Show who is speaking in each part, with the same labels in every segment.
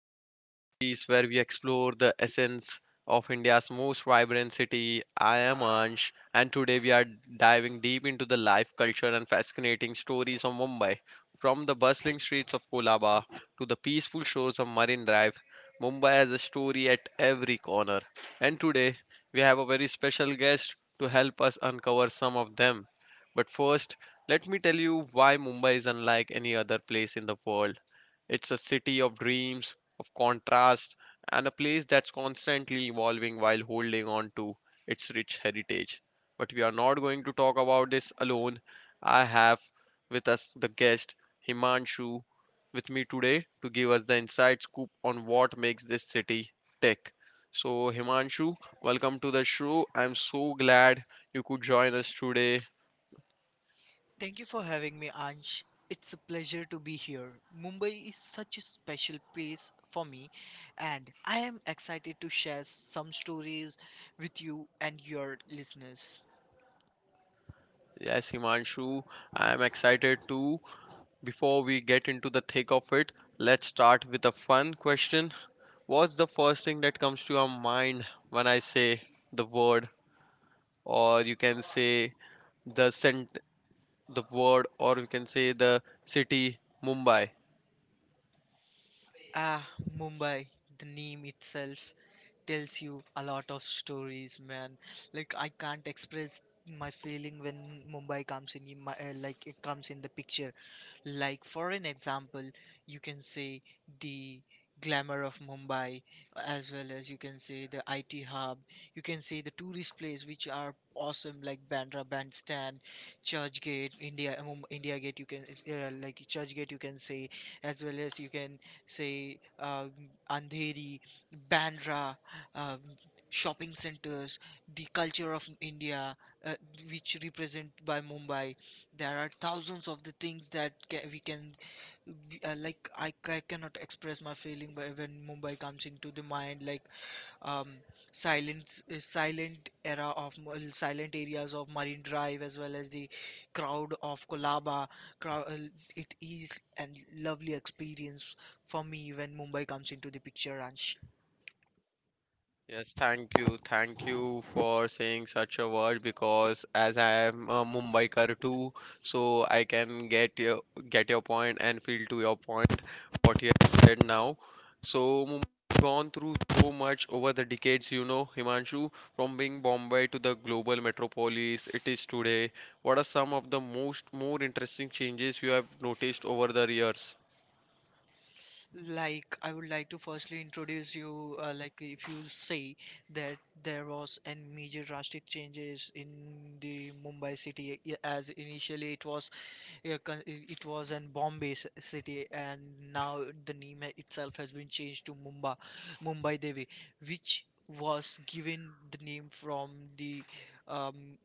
Speaker 1: to Mumbai Stories, where we explore the essence of India's most vibrant city. I am Ansh, and today we are diving deep into the life, culture, and fascinating stories of Mumbai. From the bustling streets of Kolaba to the peaceful shores of Marine Drive, Mumbai has a story at every corner. And today, we have a very special guest to help us uncover some of them. But first, let me tell you why Mumbai is unlike any other place in the world. It's a city of dreams, of contrast, and a place that's constantly evolving while holding on to its rich heritage. But we are not going to talk about this alone. I have with us the guest Himanshu with me today to give us the inside scoop on what makes this city tick. So, Himanshu, welcome to the show. I'm so glad you could join us today.
Speaker 2: Thank you for having me, Ansh. It's a pleasure to be here. Mumbai is such a special place for me, and I am excited to share some stories with you and your listeners.
Speaker 1: Yes, Himanshu, I'm excited too. Before we get into the thick of it, let's start with a fun question. What's the first thing that comes to your mind when I say the word, or you can say the sent the word, or you can say the city, Mumbai?
Speaker 2: Ah, Mumbai, the name itself tells you a lot of stories, man. Like I can't express my feeling when Mumbai comes in my like it comes in the picture. Like for an example, you can say the glamour of Mumbai, as well as you can say the IT hub. You can say the tourist place which are awesome, like Bandra Bandstand, Church Gate, India Gate. You can like Church Gate. You can say as well as you can say Andheri, Bandra, um, shopping centers, the culture of India, uh, which represent by Mumbai. There are thousands of the things that we can, like cannot express my feeling by when Mumbai comes into the mind. Like um, silent era of silent areas of Marine Drive as well as the crowd of Kolaba. Crow- uh, It is a lovely experience for me when Mumbai comes into the picture.
Speaker 1: Yes, thank you. Thank you for saying such a word because as I am a Mumbaikar too, so I can get your point and feel to your point what you have said now. So Mumbai has gone through so much over the decades, you know, Himanshu, from being Bombay to the global metropolis it is today. What are some of the most more interesting changes you have noticed over the years?
Speaker 2: Like I would like to firstly introduce you. Like if you say that there was a major drastic changes in the Mumbai city, as initially it was. Yeah, it was in Bombay city, and now the name itself has been changed to Mumbai, Mumbai Devi, which was given the name from the um,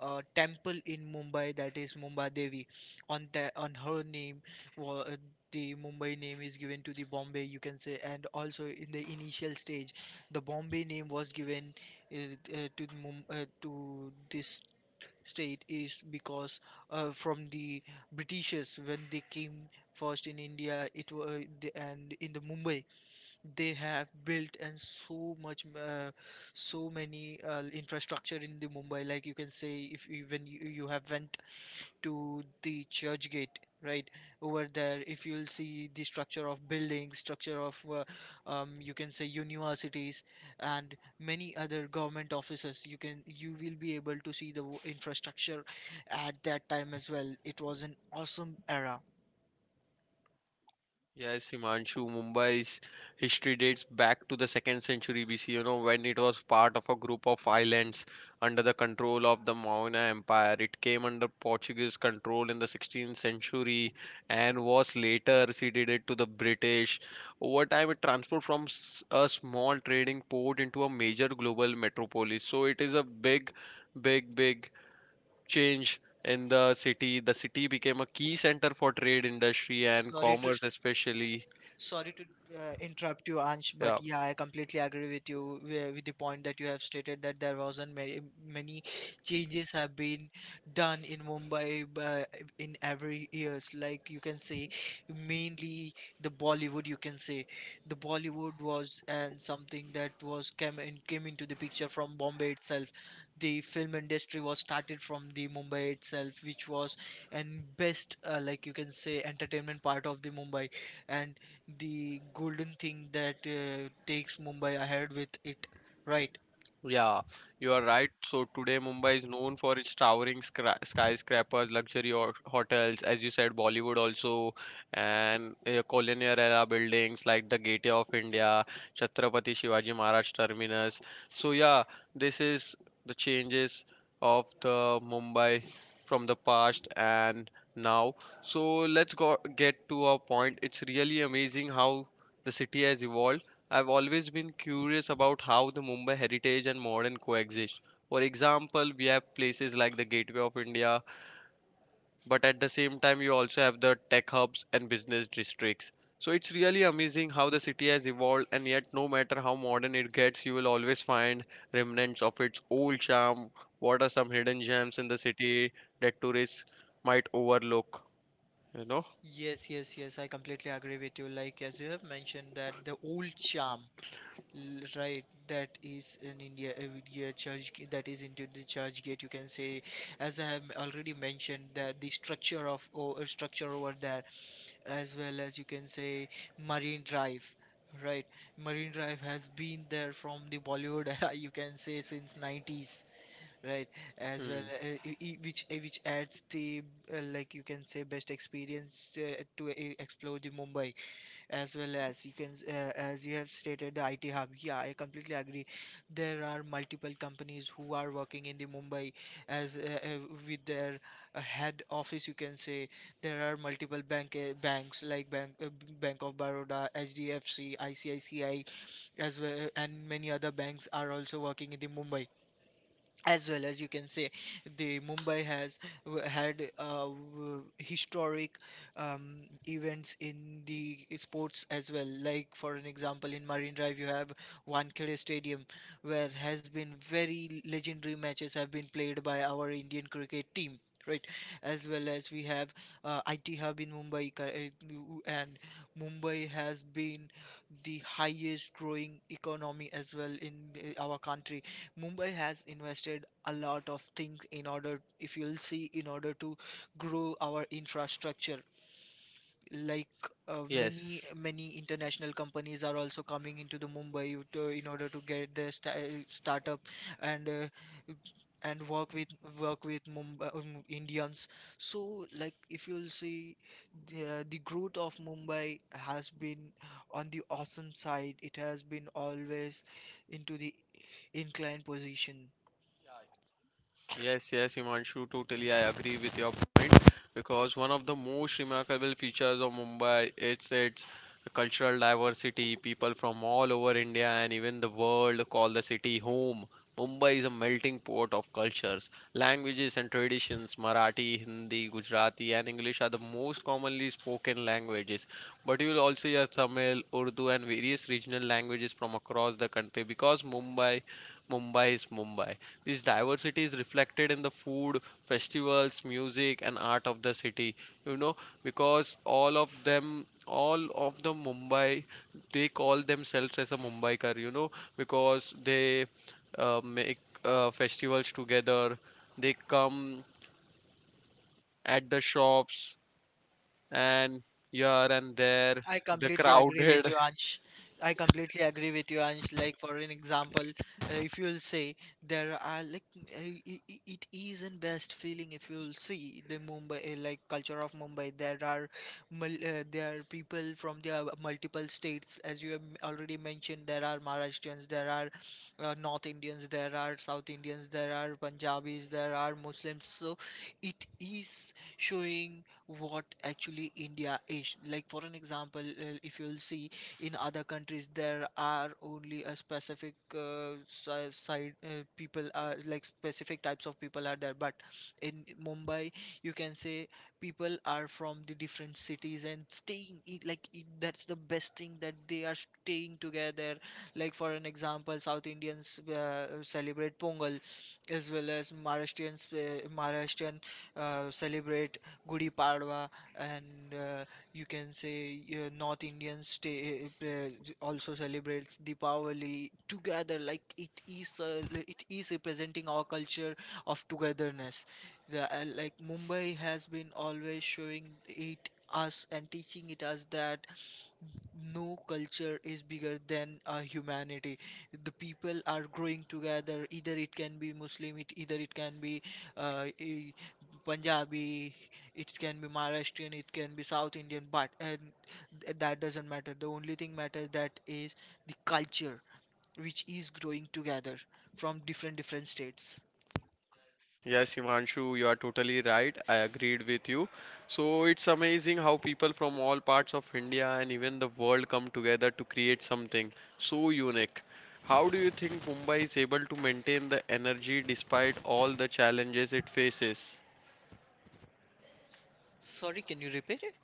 Speaker 2: temple in Mumbai, that is Mumbai Devi. On that, on her name, wa- uh the Mumbai name is given to the Bombay, you can say, and also in the initial stage, the Bombay name was given uh, to the to this state is because from the Britishers when they came first in India, it was and in the Mumbai they have built and so much so many infrastructure in the Mumbai. Like you can say, if even you have went to the church gate right. Over there if you'll see the structure of buildings, structure of you can say universities and many other government offices, you can, you will be able to see the infrastructure at that time as well. It was an awesome era.
Speaker 1: Yes, Himanshu, Mumbai's history dates back to the second century BC, you know, when it was part of a group of islands under the control of the Maurya Empire. It came under Portuguese control in the 16th century and was later ceded to the British. Over time, it transformed from a small trading port into a major global metropolis. So it is a big, big, big change in the city. The city became a key center for trade, industry, and
Speaker 2: sorry to
Speaker 1: commerce, especially.
Speaker 2: Sorry to interrupt you, Ansh,
Speaker 1: Yeah.
Speaker 2: but yeah, I completely agree with you with the point that you have stated that there wasn't many, many changes have been done in Mumbai in every years. Like you can say, mainly the Bollywood. You can say the Bollywood was and something that was came into the picture from Bombay itself. The film industry was started from the Mumbai itself, which was and best like you can say entertainment part of the Mumbai, and the golden thing that takes Mumbai ahead with it, right?
Speaker 1: Yeah, you are right. So today Mumbai is known for its towering skyscrapers, luxury hotels, as you said, Bollywood also, and colonial era buildings like the Gateway of India, Chhatrapati Shivaji Maharaj Terminus. So yeah, this is the changes of the Mumbai from the past and now. So let's go get to our point. It's really amazing how the city has evolved. I've always been curious about how the Mumbai heritage and modern coexist. For example, we have places like the Gateway of India, but at the same time, you also have the tech hubs and business districts. So it's really amazing how the city has evolved, and yet, no matter how modern it gets, you will always find remnants of its old charm. What are some hidden gems in the city that tourists might overlook? You know?
Speaker 2: Yes, yes, yes, I completely agree with you. Like, as you have mentioned, that the old charm, right, that is in India, India church, that is into the church gate, you can say, as I have already mentioned, that the structure of or structure over there, as well as you can say, Marine Drive. Right, Marine Drive has been there from the Bollywood era, you can say, since 90s. Right, as well,
Speaker 1: Hmm.
Speaker 2: which adds the like you can say best experience to explore the Mumbai, as well as you can as you have stated the IT hub. Yeah, I completely agree. There are multiple companies who are working in the Mumbai as with their head office. You can say there are multiple banks, like Bank of Baroda, HDFC, ICICI, as well, and many other banks are also working in the Mumbai, as well as you can say the mumbai has had historic um, events in the sports as well, like for an example, in Marine Drive you have Wankhede Stadium, where has been very legendary matches have been played by our Indian cricket team, right? As well as we have IT hub in Mumbai, and Mumbai has been the highest growing economy as well in our country. Mumbai has invested a lot of things in order, if you'll see, in order to grow our infrastructure. Like many
Speaker 1: Yes.
Speaker 2: many international companies are also coming into the Mumbai to, in order to get their startup and work with, work with Mumbai Indians. So like if you'll see, the growth of Mumbai has been on the awesome side. It has been always into the inclined position.
Speaker 1: Yes, yes, Himanshu, totally I agree with your point because one of the most remarkable features of Mumbai it's its cultural diversity. People from all over India and even the world call the city home. Mumbai is a melting pot of cultures, languages and traditions. Marathi, Hindi, Gujarati and English are the most commonly spoken languages. But you will also hear Tamil, Urdu and various regional languages from across the country because Mumbai is Mumbai. This diversity is reflected in the food, festivals, music, and art of the city. You know, because all of them, all of the Mumbai, they call themselves as a Mumbaikar. You know, because they make festivals together. They come at the shops and here and there,
Speaker 2: I
Speaker 1: the
Speaker 2: completely agree with
Speaker 1: crowded.
Speaker 2: you, Ansh. I completely agree with you, Ansh. Like for an example, if you'll say there are like it is an best feeling if you'll see the Mumbai like culture of Mumbai. There are there are people from the multiple states, as you have already mentioned. There are Maharashtrians, there are North Indians, there are South Indians, there are Punjabis, there are Muslims. So it is showing what actually India is. Like for an example, if you'll see in other countries there are only a specific side people are, like specific types of people are there, but in Mumbai you can say people are from the different cities and staying like that's the best thing that they are staying together. Like for an example, South Indians celebrate Pongal, as well as maharashtrian celebrate Gudi Padwa, and you can say North Indians stay, also celebrates Deepavali together. Like it is, it is representing our culture of togetherness. Like Mumbai has been always showing it us and teaching it us that no culture is bigger than humanity. The people are growing together, either it can be muslim it, either it can be uh, eh, punjabi, it can be maharashtrian, it can be south indian, that doesn't matter. The only thing matters, that is the culture which is growing together from different different states.
Speaker 1: Yes, Himanshu, you are totally right. I agreed with you. So it's amazing how people from all parts of India and even the world come together to create something so unique. How do you think Mumbai is able to maintain the energy despite all the challenges it faces?
Speaker 2: Sorry, can you repeat it?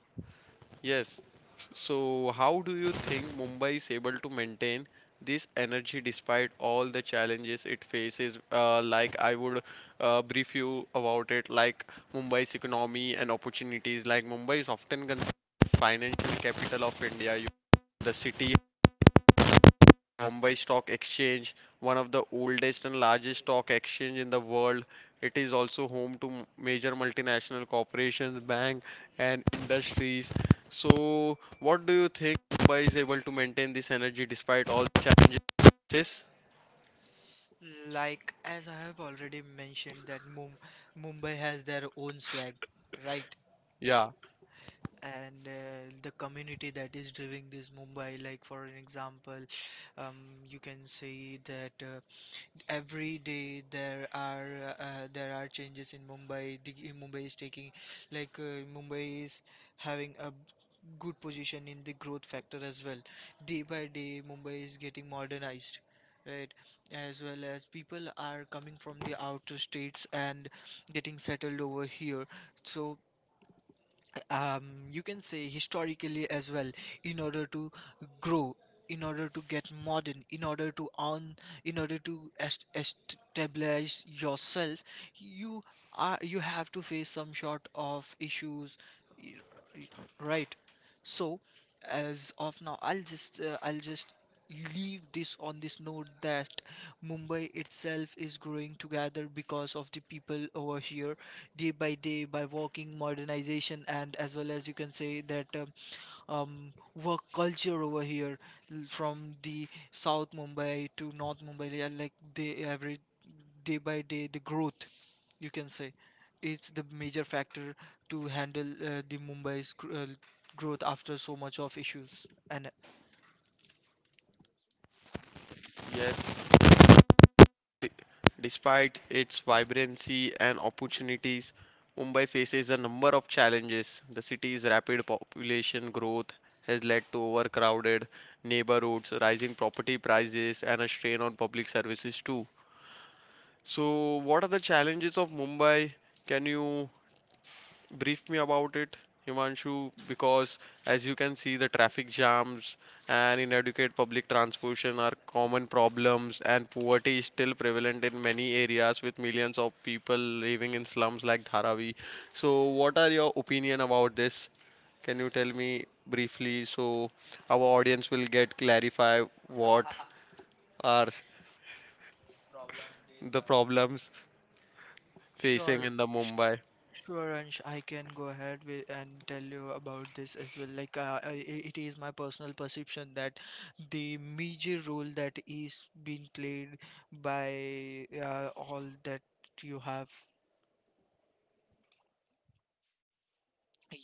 Speaker 1: Yes. So, how do you think Mumbai is able to maintain this energy despite all the challenges it faces? Like, I would brief you about it, like Mumbai's economy and opportunities. Like, Mumbai is often considered the financial capital of India. You, the city Bombay Stock Exchange, one of the oldest and largest stock exchange in the world. It is also home to major multinational corporations, bank and industries. So, what do you think Mumbai is able to maintain this energy despite all the challenges?
Speaker 2: Like as I have already mentioned that mumbai has their own swag, right?
Speaker 1: Yeah.
Speaker 2: And the community that is driving this Mumbai. Like for an example, um, you can see that every day there are changes in Mumbai. Mumbai is taking, like Mumbai is having a good position in the growth factor as well. Day by day, Mumbai is getting modernized. Right, as well as people are coming from the outer states and getting settled over here. So, you can say historically as well, in order to grow, in order to get modern, in order to earn, in order to establish yourself, you you have to face some sort of issues, y- y- right? So as of now, I'll just leave this on this note, that mumbai itself is growing together because of the people over here, day by day by walking modernization, and as well as you can say that um, work culture over here, from the South Mumbai to North Mumbai, yeah, like they every day by day the growth, you can say it's the major factor to handle the Mumbai's growth after so much of issues and.
Speaker 1: Yes. Despite its vibrancy and opportunities, Mumbai faces a number of challenges. The city's rapid population growth has led to overcrowded neighborhoods, rising property prices, and a strain on public services too. So, what are the challenges of Mumbai? Can you brief me about it, Himanshu? Because as you can see, the traffic jams and inadequate public transportation are common problems, and poverty is still prevalent in many areas with millions of people living in slums like Dharavi. So, what are your opinion about this? Can you tell me briefly so our audience will get clarify what are the problems facing
Speaker 2: Sure.
Speaker 1: in the Mumbai?
Speaker 2: Sure, Ansh, I can go ahead with and tell you about this as well. Like, it is my personal perception that the major role that is being played by all that you have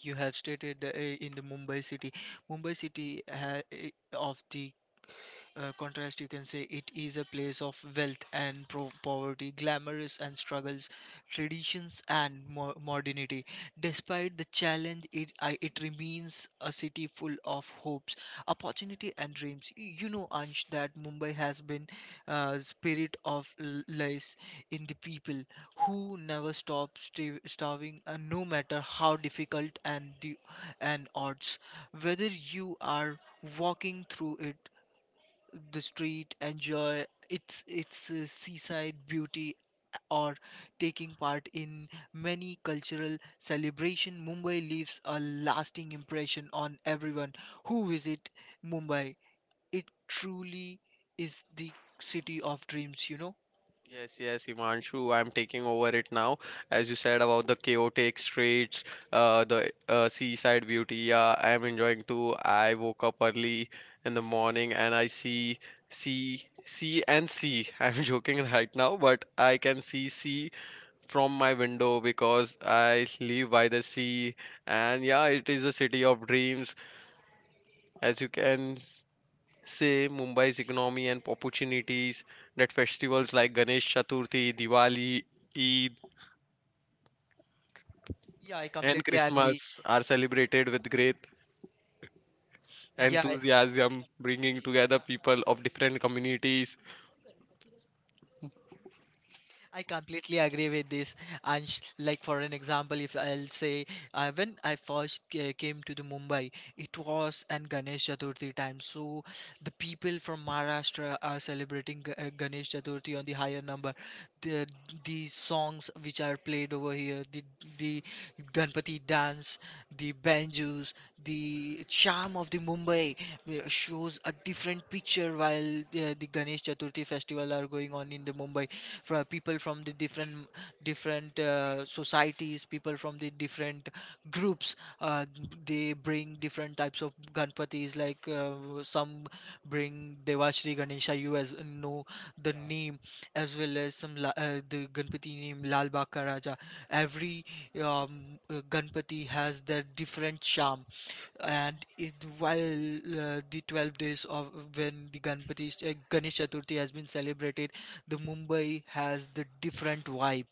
Speaker 2: you have stated in the Mumbai city. Mumbai city ha i- of the contrast, you can say it is a place of wealth and poverty, glamorous and struggles, traditions and modernity. Despite the challenge, it remains a city full of hopes, opportunity, and dreams. You know, Ansh, that Mumbai has been spirit of lies in the people who never stop starving, no matter how difficult, and odds. Whether you are walking through it the street, enjoy its seaside beauty, or taking part in many cultural celebration. Mumbai leaves a lasting impression on everyone who visit Mumbai. It truly is the city of dreams. You know?
Speaker 1: Yes, yes, Himanshu, I'm taking over it now. As you said about the chaotic streets, the seaside beauty, yeah, I'm enjoying too. I woke up early in the morning and I see sea, sea and sea. I'm joking right now, but I can see sea from my window because I live by the sea. And yeah, it is a city of dreams, as you can. Say Mumbai's economy and opportunities that festivals like Ganesh Chaturthi, Diwali, Eid,
Speaker 2: Yeah, I
Speaker 1: and
Speaker 2: completely agree.
Speaker 1: Christmas are celebrated with great
Speaker 2: Yeah,
Speaker 1: enthusiasm, bringing together people of different communities.
Speaker 2: I completely agree with this. Like for an example, if I'll say when I first came to the Mumbai, it was an Ganesh Chaturthi time. So the people from Maharashtra are celebrating Ganesh Chaturthi on the higher number. The the songs which are played over here, the Ganpati dance, the banjos, the charm of the Mumbai shows a different picture while uh, the Ganesh Chaturthi festival are going on in the Mumbai for people from the different societies, people from the different groups uh, they bring different types of ganpatis like some bring devashri ganesha you as know the name, as well as the ganpati name lal Bag Ka raja. Every um, ganpati has their different charm. And it while the 12 days of when the ganpati ganesh chaturthi has been celebrated, the Mumbai has the different vibe.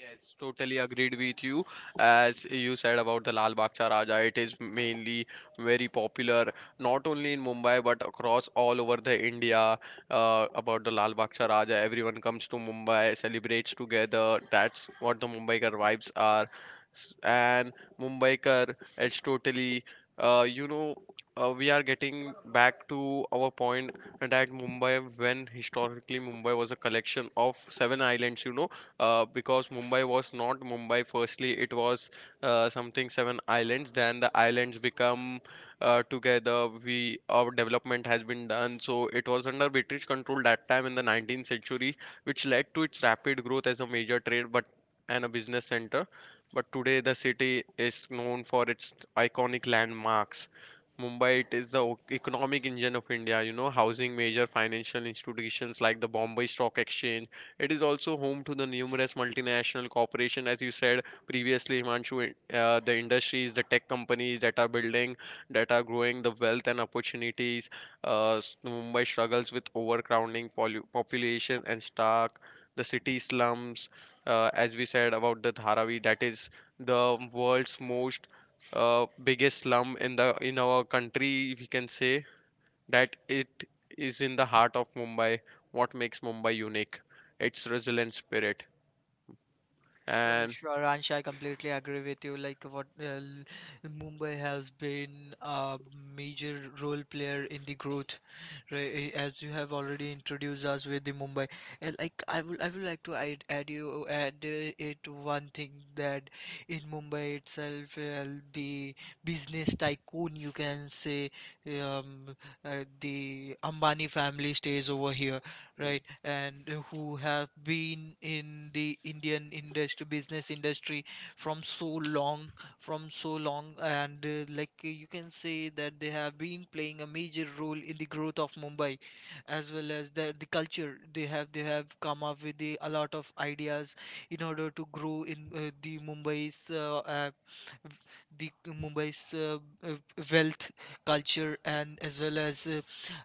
Speaker 1: Yes, totally agreed with you. As you said about the Lal Bagh Cha Raja, it is mainly very popular not only in Mumbai but across all over the India. About the Lal Bagh Cha Raja, everyone comes to Mumbai, celebrates together. That's what the Mumbaikar vibes are. And Mumbaikar, it's totally, you know, we are getting back to our point that Mumbai, when historically Mumbai was a collection of seven islands, you know, because Mumbai was not Mumbai. Firstly, it was something seven islands. Then the islands become together. We our development has been done. So it was under British control that time in the 19th century, which led to its rapid growth as a major trade, but and a business center. But today the city is known for its iconic landmarks. Mumbai, it is the economic engine of India, you know, housing major financial institutions like the Bombay Stock Exchange. It is also home to the numerous multinational corporations, as you said previously, Himanshu. The industries, the tech companies that are building, that are growing, the wealth and opportunities. Mumbai struggles with overcrowding, population, and stark. The city slums, as we said about the Dharavi, that is the world's most biggest slum in the in our country, we can say that it is in the heart of Mumbai. What makes Mumbai unique? Its resilient spirit.
Speaker 2: Sure,
Speaker 1: And
Speaker 2: sure, Ansha, I completely agree with you. Like Mumbai has been a major role player in the growth, right? As you have already introduced us with the Mumbai, and like I would like to add it one thing, that in Mumbai itself, the business tycoon you can say, um, the Ambani family stays over here, right, and who have been in the indian industry, business industry from so long, and you can say that they have been playing a major role in the growth of mumbai, as well as the culture. They have come up with a lot of ideas in order to grow in the Mumbai's uh, wealth, culture, and as well as uh,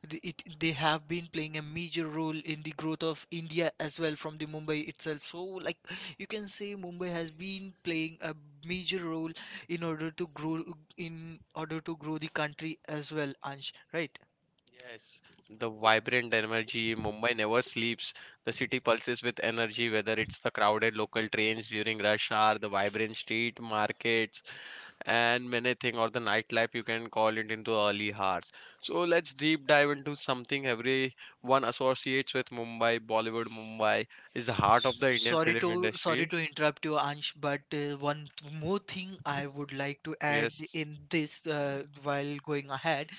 Speaker 2: the- it, they have been playing a major role in the growth of India as well from the Mumbai itself. So, like you can say, Mumbai has been playing a major role in order to grow the country as well, Ansh. Right?
Speaker 1: yes, the vibrant energy. Mumbai never sleeps. The city pulses with energy, whether it's the crowded local trains during rush hour, the vibrant street markets, and many things, or the nightlife you can call it into early hours. So let's deep dive into something everyone associates with Mumbai. Bollywood Mumbai is the heart of the Indian
Speaker 2: Sorry
Speaker 1: film
Speaker 2: to sorry
Speaker 1: industry.
Speaker 2: to interrupt you, Ansh, but one more thing I would like to add
Speaker 1: Yes.
Speaker 2: in this while going ahead,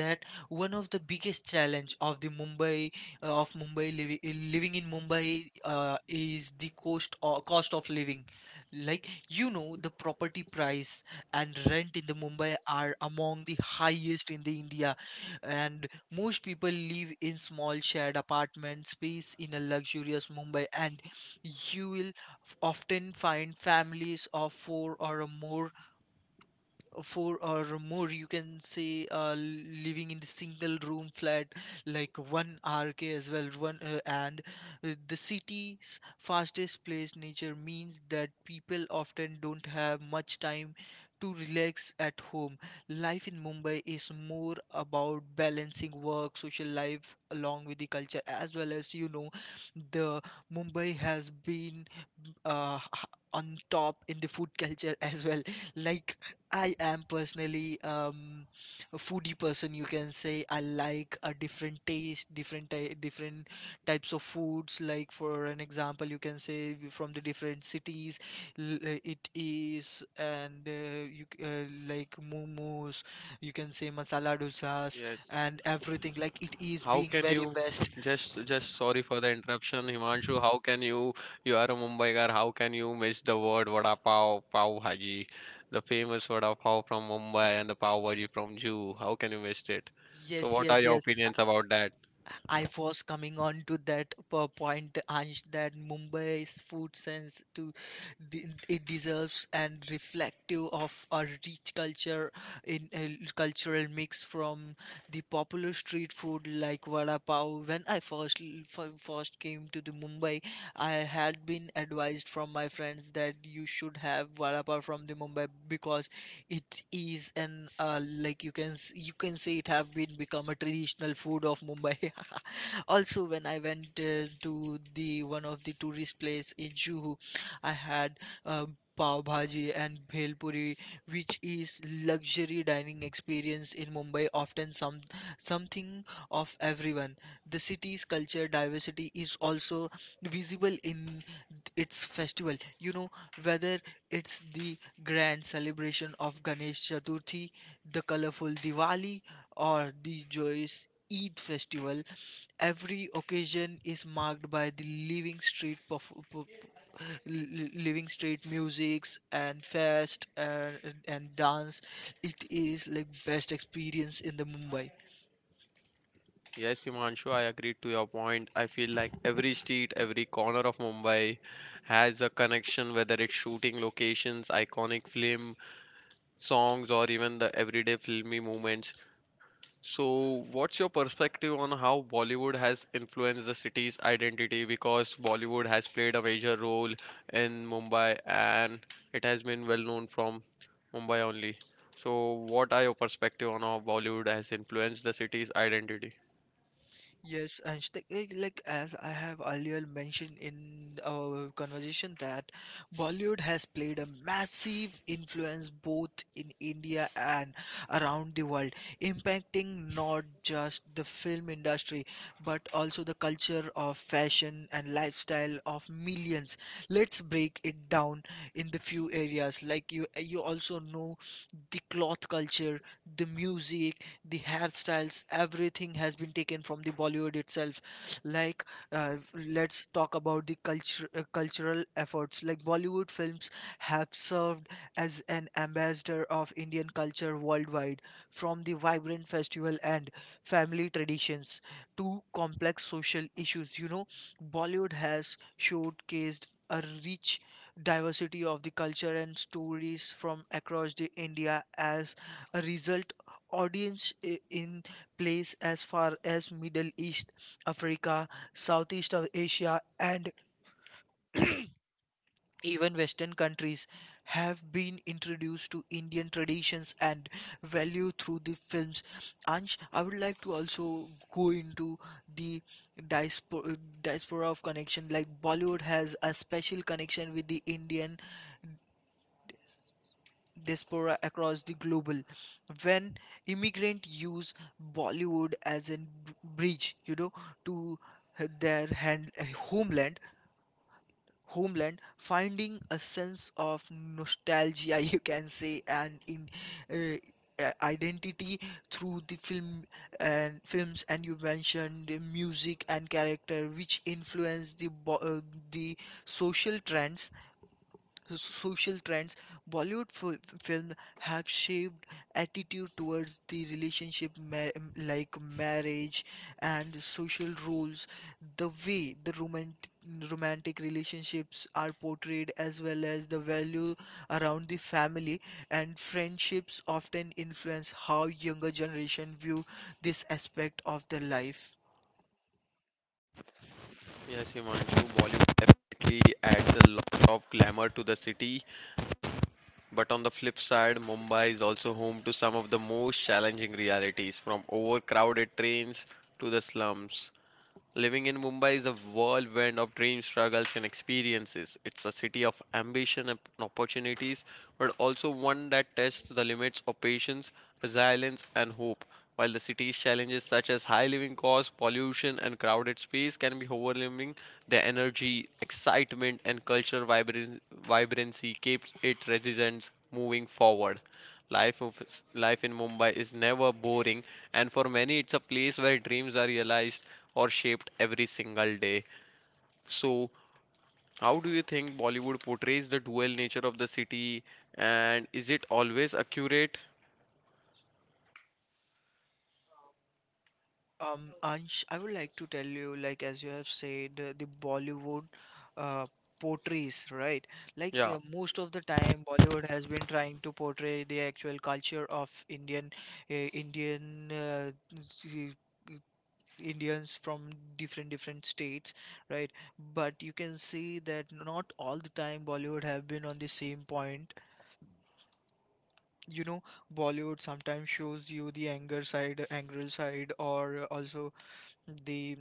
Speaker 2: that one of the biggest challenge of the Mumbai of Mumbai living in Mumbai is the cost of living. Like you know, the property price and rent in the Mumbai are among the highest in the India, and most people live in small shared apartment space in a luxurious Mumbai, and you will often find families of four or more, four or more, you can say, living in the single room flat like one rk as well one and the city's fastest place nature means that people often don't have much time to relax at home. Life in mumbai is more about balancing work, social life along with the culture, as well as you know, the mumbai has been uh, h- on top in the food culture as well. Like, I am personally a foodie person, you can say. I like a different taste, different types of foods. Like for an example, you can say from the different cities, it is and like momos, you can say masala dosas. Yes.
Speaker 1: Yes.
Speaker 2: And everything. Like it is
Speaker 1: How
Speaker 2: being
Speaker 1: can
Speaker 2: very
Speaker 1: you
Speaker 2: best.
Speaker 1: just sorry for the interruption, Himanshu. How can you you are a Mumbaiker, how can you miss the word vada pav, pav bhaji, the famous vada pav from Mumbai and the pav bhaji from Jew. How can you miss it? So
Speaker 2: Yes,
Speaker 1: what are
Speaker 2: yes,
Speaker 1: your
Speaker 2: yes.
Speaker 1: opinions about that?
Speaker 2: I was coming on to that point, Ansh, that Mumbai's food sense to it deserves and reflective of a rich culture, in a cultural mix from the popular street food like vada pav. When I first first came to the Mumbai, I had been advised from my friends that you should have vada pav from the Mumbai, because it is an like you can you can say it have been become a traditional food of Mumbai. Also, when I went to the one of the tourist place in juhu, I had uh, pav bhaji and bhel puri, which is luxury dining experience in mumbai, often something of everyone. The city's culture diversity is also visible in its festival, you know, whether it's the grand celebration of ganesh chaturthi, the colorful diwali, or the joyous Eid festival. Every occasion is marked by the living street living street musics and and dance. It is like best experience in the mumbai.
Speaker 1: Yes, Himanshu, I agree to your point. I feel like every street, every corner of Mumbai has a connection, whether it's shooting locations, iconic film, songs, or even the everyday filmy moments. So, what's your perspective on how Bollywood has influenced the city's identity? Because Bollywood has played a major role in Mumbai and it has been well known from Mumbai only. So, what are your perspective on how Bollywood has influenced the city's identity?
Speaker 2: Yes, and sh- like eh, like as I have earlier mentioned in our conversation that Bollywood has played a massive influence both in India and around the world, impacting not just the film industry but also the culture of fashion and lifestyle of millions. Let's break it down in the few areas. Like you also know the cloth culture, the music, the hairstyles, everything has been taken from the Bollywood itself. Like, let's talk about the culture, cultural efforts. Like, Bollywood films have served as an ambassador of Indian culture worldwide, from the vibrant festival and family traditions to complex social issues. You know, Bollywood has showcased a rich diversity of the culture and stories from across the India. As a result, audience in place as far as Middle East, Africa, Southeast of Asia, and even Western countries have been introduced to Indian traditions and value through the films. Ansh, I would like to also go into the diaspora, diaspora of connection. Like Bollywood has a special connection with the Indian diaspora across the global, when immigrant use bollywood as a bridge, you know, to h- their hand, eh, homeland homeland, finding a sense of nostalgia you can say, and in uh, identity through the film and films, and you mentioned the music and character which influence the the social trends. Social trends, Bollywood film have shaped attitude towards the relationship like marriage and social roles. The way the romantic relationships are portrayed, as well as the value around the family and friendships, often influence how younger generation view this aspect of their life.
Speaker 1: Yes, Himanshu, Bollywood definitely adds a lot of glamour to the city, but on the flip side, Mumbai is also home to some of the most challenging realities from overcrowded trains to the slums. Living in Mumbai is a whirlwind of dream struggles and experiences. It's a city of ambition and opportunities, but also one that tests the limits of patience, resilience, and hope. While the city's challenges such as high living costs, pollution, and crowded space can be overwhelming, the energy, excitement, and cultural vibrancy keeps its residents moving forward. Life, of, Life in Mumbai is never boring, and for many, it's a place where dreams are realized or shaped every single day. So, how do you think Bollywood portrays the dual nature of the city and is it always accurate?
Speaker 2: Ansh, I would like to tell you, like as you have said, the Bollywood uh, portrays, right? Like
Speaker 1: Yeah.
Speaker 2: most of the time, Bollywood has been trying to portray the actual culture of Indian, Indian s- Indians from different states, right? But you can see that not all the time Bollywood have been on the same point. You know, Bollywood sometimes shows you the anger side, angry side, or also the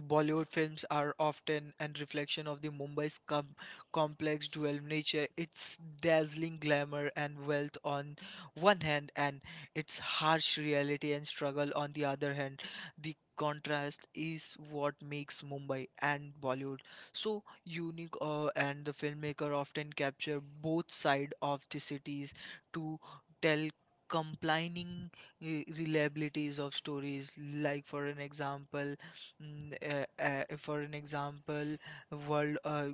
Speaker 2: Bollywood films are often an reflection of the Mumbai's complex dual nature, its dazzling glamour and wealth on one hand, and its harsh reality and struggle on the other hand. The contrast is what makes Mumbai and Bollywood so unique, and the filmmaker often capture both sides of the cities to tell complaining reliabilities of stories, like for an example. For an example, world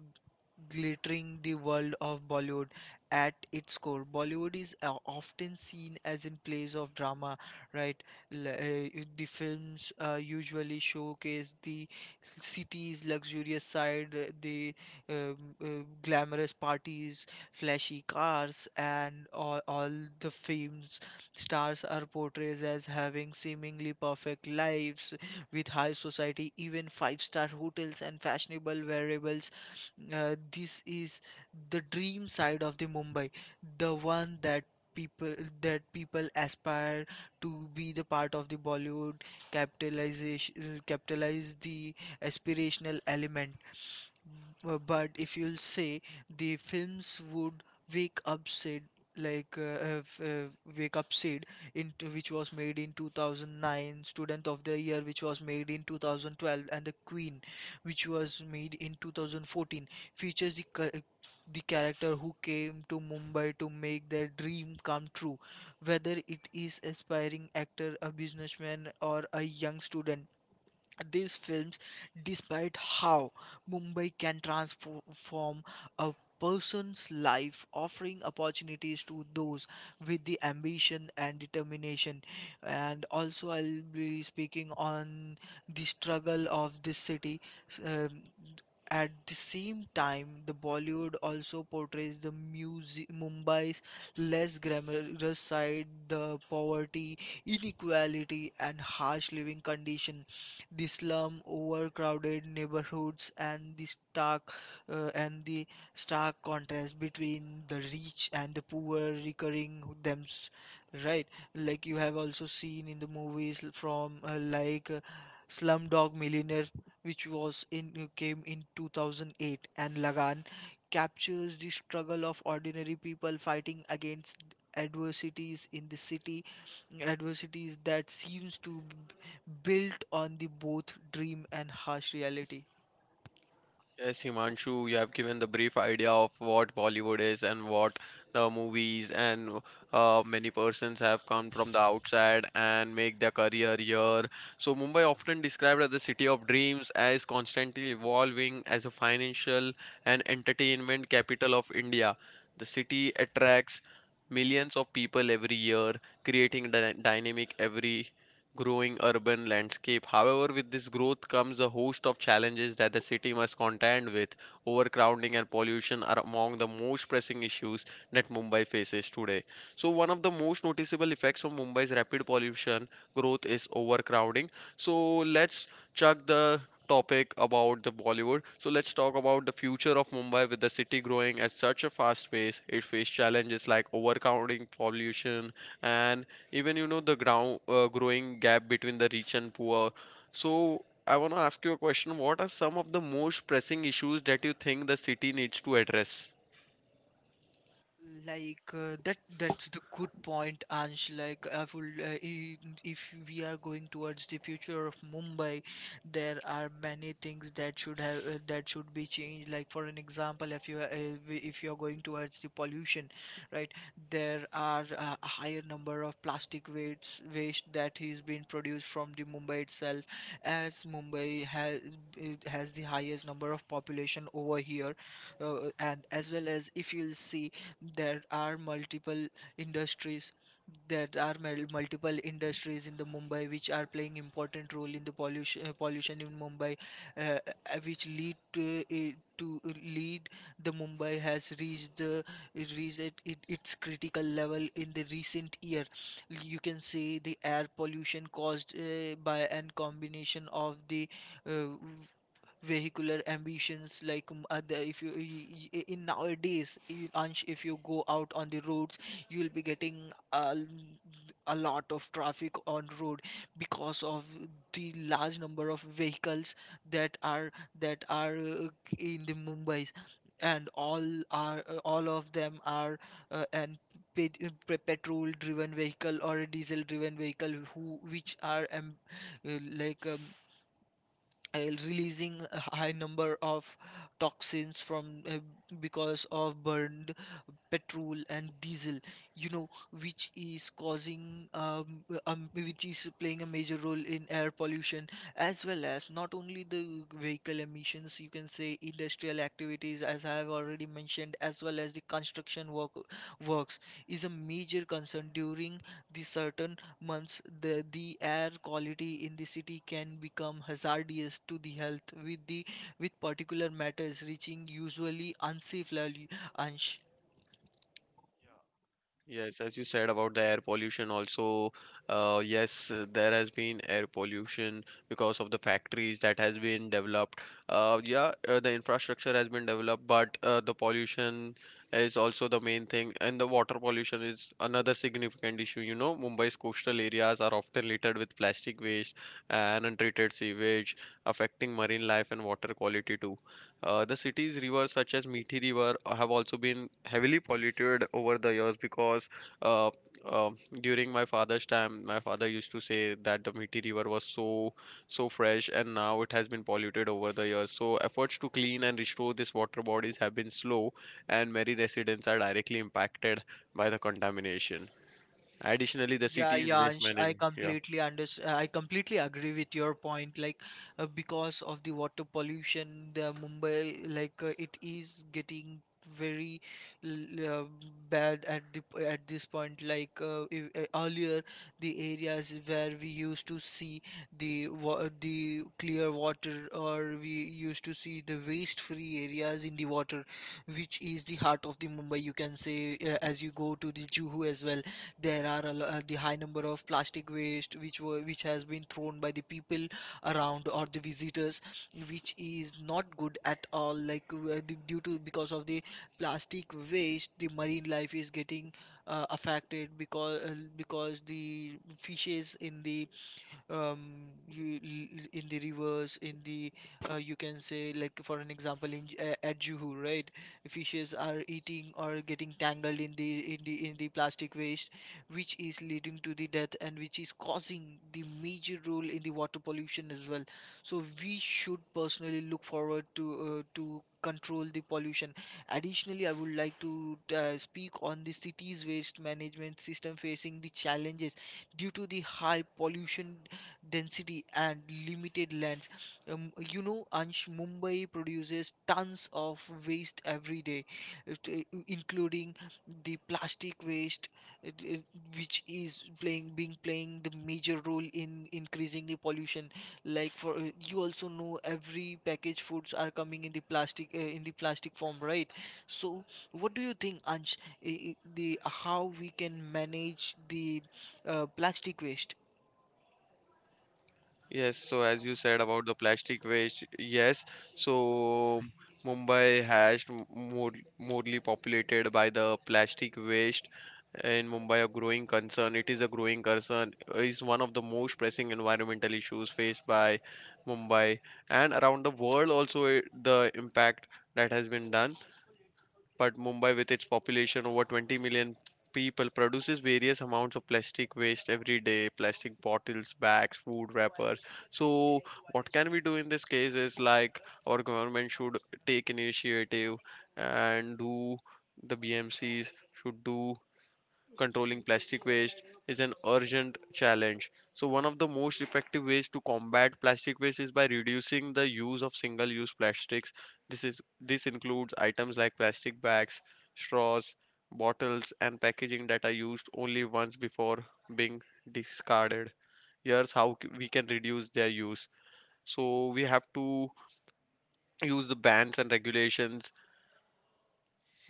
Speaker 2: glittering the world of Bollywood. At its core, Bollywood is often seen as in place of drama, right? L- uh, the films usually showcase the city's luxurious side, the glamorous parties, flashy cars, and all the films stars are portrayed as having seemingly perfect lives with high society, even five-star hotels and fashionable wearables. This is the dream side of the Mumbai, the one people that people aspire to be the part of the Bollywood, capitalization, capitalize the aspirational element. But if you'll say the films would wake up said, like wake up said into, which was made in 2009, Student of the Year, which was made in 2012, and The Queen, which was made in 2014, features the character who came to Mumbai to make their dream come true, whether it is aspiring actor, a businessman, or a young student. These films, despite how Mumbai can transform a person's life, offering opportunities to those with the ambition and determination. And also, I'll be speaking on the struggle of this city. s- um, at the same time, the Bollywood also portrays the music Mumbai's less glamorous side, the poverty, inequality, and harsh living condition, the slum overcrowded neighborhoods, and the stark contrast between the rich and the poor, recurring thems, right? Like you have also seen in the movies from Slumdog Millionaire, which was in came in 2008, and Lagan, captures the struggle of ordinary people fighting against adversities in the city, adversities that seems to built on the both dream and harsh reality.
Speaker 1: Yes, Himanshu, you have given the brief idea of what Bollywood is and what the movies and many persons have come from the outside and make their career here. So, Mumbai, often described as the city of dreams, as constantly evolving as a financial and entertainment capital of India. The city attracts millions of people every year, creating dynamic every growing urban landscape. However, with this growth comes a host of challenges that the city must contend with. Overcrowding and pollution are among the most pressing issues that Mumbai faces today. So, one of the most noticeable effects of Mumbai's rapid pollution growth is overcrowding. So, let's chuck the topic about the Bollywood. So let's talk about the future of Mumbai with the city growing at such a fast pace. It faces challenges like overcrowding, pollution, and even you know the ground growing gap between the rich and poor. So I want to ask you a question, what are some of the most pressing issues that you think the city needs to address?
Speaker 2: Like that's the good point, Ansh. Like if we are going towards the future of Mumbai, there are many things that should have that should be changed. Like for an example, if you are going towards the pollution, right? There are a higher number of plastic waste that is being produced from the Mumbai itself, as Mumbai has, it has the highest number of population over here, and as well as if you'll see there are multiple industries, there are multiple industries in the Mumbai which are playing important role in the pollution, pollution in Mumbai, which lead to, it to lead the Mumbai has reached the reached its critical level in the recent year. You can say the air pollution caused by an combination of the uh, vehicular ambitions like other if in nowadays Ansh, if you go out on the roads you'll be getting a lot of traffic on road because of the large number of vehicles that are that are uh, in the mumbais and all are all of them are uh, an petrol driven vehicle or a diesel driven vehicle who which are uh, like um, uh, releasing a high number of toxins from because of burned petrol and diesel you know which is causing which is playing a major role in air pollution, as well as not only the vehicle emissions, you can say industrial activities as I have already mentioned, as well as the construction work works is a major concern during the certain months, the air quality in the city can become hazardous to the health, with the with particular matters reaching usually unsafe level.
Speaker 1: Yes, as you said about the air pollution, also, yes, there has been air pollution because of the factories that has been developed. Yeah, the infrastructure has been developed, but the pollution is also the main thing, and the water pollution is another significant issue. You know, Mumbai's coastal areas are often littered with plastic waste and untreated sewage, affecting marine life and water quality too. The city's rivers, such as Mithi River, have also been heavily polluted over the years because uh, uh, during my father's time, my father used to say that the Mithi River was so fresh, and now it has been polluted over the years. So efforts to clean and restore these water bodies have been slow, and many residents are directly impacted by the contamination. Additionally, the
Speaker 2: Yeah,
Speaker 1: city's waste
Speaker 2: Yansh, I
Speaker 1: management. Yeah.
Speaker 2: completely understand. I completely agree with your point. Like, because of the water pollution, the Mumbai, like, it is getting very l- uh, bad at this point. Like, if, earlier, the areas where we used to see the the clear water, or we used to see the waste-free areas in the water, which is the heart of the Mumbai. You can say, as you go to the Juhu as well, there are the high number of plastic waste which were which has been thrown by the people around or the visitors, which is not good at all. Like d- due to because of the plastic waste, the marine life is getting affected because the fishes in the um, in the rivers in the you can say like for an example in at Juhu, right? Fishes are eating or getting tangled in the in the plastic waste, which is leading to the death and which is causing the major role in the water pollution as well. So we should personally look forward to control the pollution. Additionally, I would like to speak on the city's waste management system facing the challenges due to the high pollution density and limited lands. You know, Ansh, Mumbai produces tons of waste every day, including the plastic waste, it- it- which is playing being playing the major role in increasing the pollution. Like for you also know, every packaged foods are coming in the plastic form, right? So, what do you think, Ansh? I- The How we can manage the plastic waste?
Speaker 1: Yes, so as you said about the plastic waste, yes, so Mumbai has more morely populated by the plastic waste in Mumbai, a growing concern. It is a growing concern, is one of the most pressing environmental issues faced by Mumbai and around the world also. The impact that has been done, but Mumbai, with its population over 20 million people, produces various amounts of plastic waste every day: plastic bottles, bags, food wrappers. So, what can we do in this case is like our government should take initiative and do, the BMCs should do controlling plastic waste is an urgent challenge. So, one of the most effective ways to combat plastic waste is by reducing the use of single-use plastics. This includes items like plastic bags, straws, bottles, and packaging that are used only once before being discarded. Here's how we can reduce their use. So, we have to use the bans and regulations.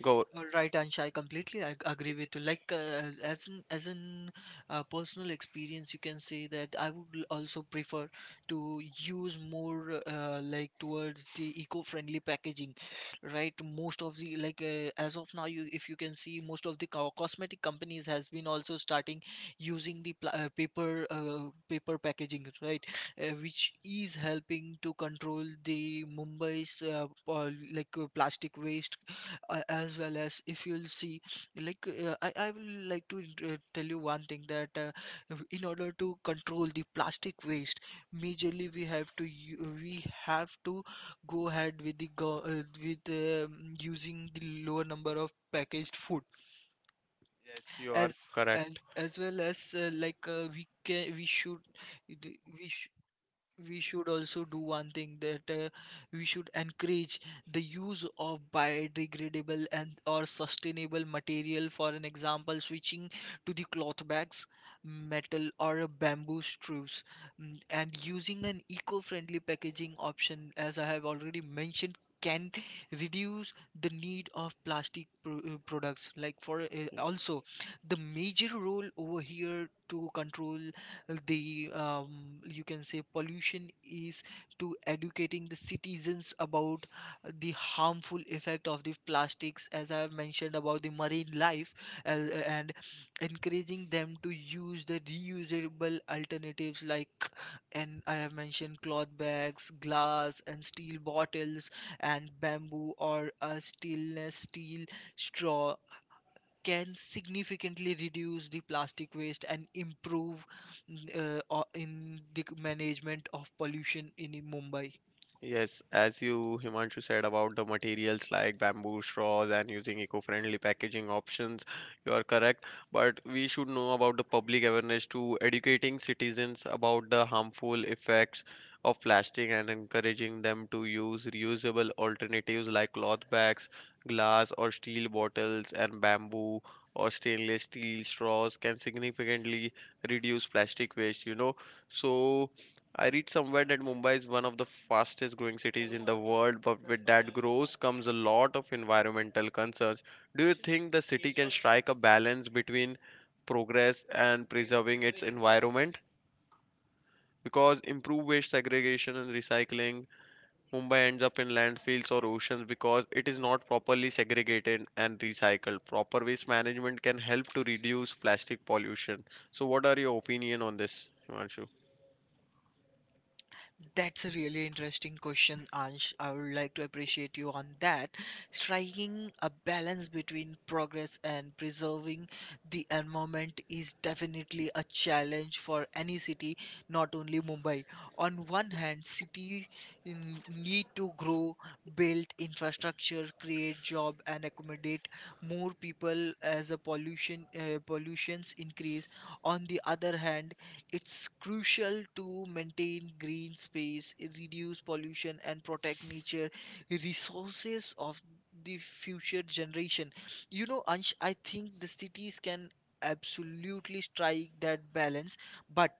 Speaker 1: Go.
Speaker 2: All right, Ansha, I completely agree with you. Like, as an personal experience, you can say that I would also prefer to use more like towards the eco-friendly packaging, right? Most of the like as of now, you, if you can see, most of the cosmetic companies has been also starting using the pla paper paper packaging, right? Which is helping to control the Mumbai's plastic waste, as well as if you'll see like I will like to tell you one thing that if- in order to control the plastic waste, majorly we have to go ahead with using the lower number of packaged food,
Speaker 1: Yes, you are
Speaker 2: as
Speaker 1: correct.
Speaker 2: well as we we should also do one thing that we should encourage the use of biodegradable and or sustainable material. For an example, switching to the cloth bags, metal or a bamboo strips, and using an eco-friendly packaging option as I have already mentioned can reduce the need of plastic products like for also the major role over here to control the you can say pollution is to educating the citizens about the harmful effect of the plastics as I have mentioned about the marine life, and encouraging them to use the reusable alternatives like and I have mentioned cloth bags, glass and steel bottles, and bamboo or a stainless steel straw can significantly reduce the plastic waste and improve mm, in the management of pollution in Mumbai.
Speaker 1: Yes, as you Himanshu said about the materials like bamboo straws and using eco-friendly packaging options, you are correct. But we should know about the public awareness to educating citizens about the harmful effects of plastic and encouraging them to use reusable alternatives like cloth bags, glass or steel bottles, and bamboo or stainless steel straws can significantly reduce plastic waste, you know. So I read somewhere that Mumbai is one of the fastest growing cities in the world, but with that growth comes a lot of environmental concerns. Do you think the city can strike a balance between progress and preserving its environment? Because improved waste segregation and recycling, Mumbai ends up in landfills or oceans because it is not properly segregated and recycled. Proper waste management can help to reduce plastic pollution. So, what are your opinion on this, Himanshu?
Speaker 2: That's a really interesting question, Ansh. I would like to appreciate you on that. Striking a balance between progress and preserving the environment is definitely a challenge for any city, not only Mumbai. On one hand, cities need to grow, build infrastructure, create job, and accommodate more people as a pollution pollutions increase. On the other hand, it's crucial to maintain green space, reduce pollution, and protect nature resources of the future generation. You know, Ansh, I think the cities can absolutely strike that balance, but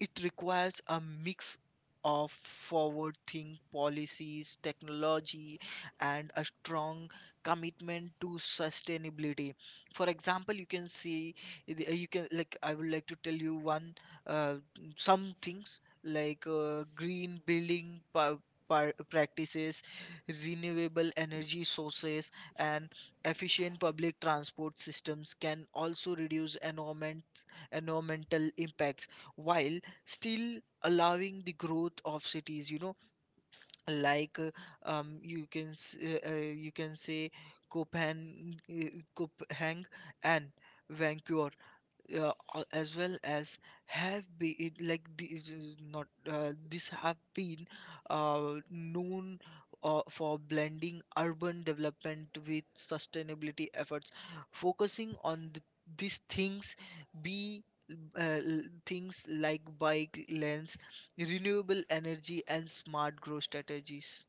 Speaker 2: it requires a mix of forward think policies, technology, and a strong commitment to sustainability. For example, you can see, you can, like, I would like to tell you one uh, some things like green building practices, renewable energy sources, and efficient public transport systems can also reduce environment, environmental impacts while still allowing the growth of cities. You know, like you can you can say Copenhagen, Copenhagen and Vancouver as well as have been like this is not this have been known for blending urban development with sustainability efforts, focusing on these things be uh, l- things like bike lanes, renewable energy, and smart growth strategies.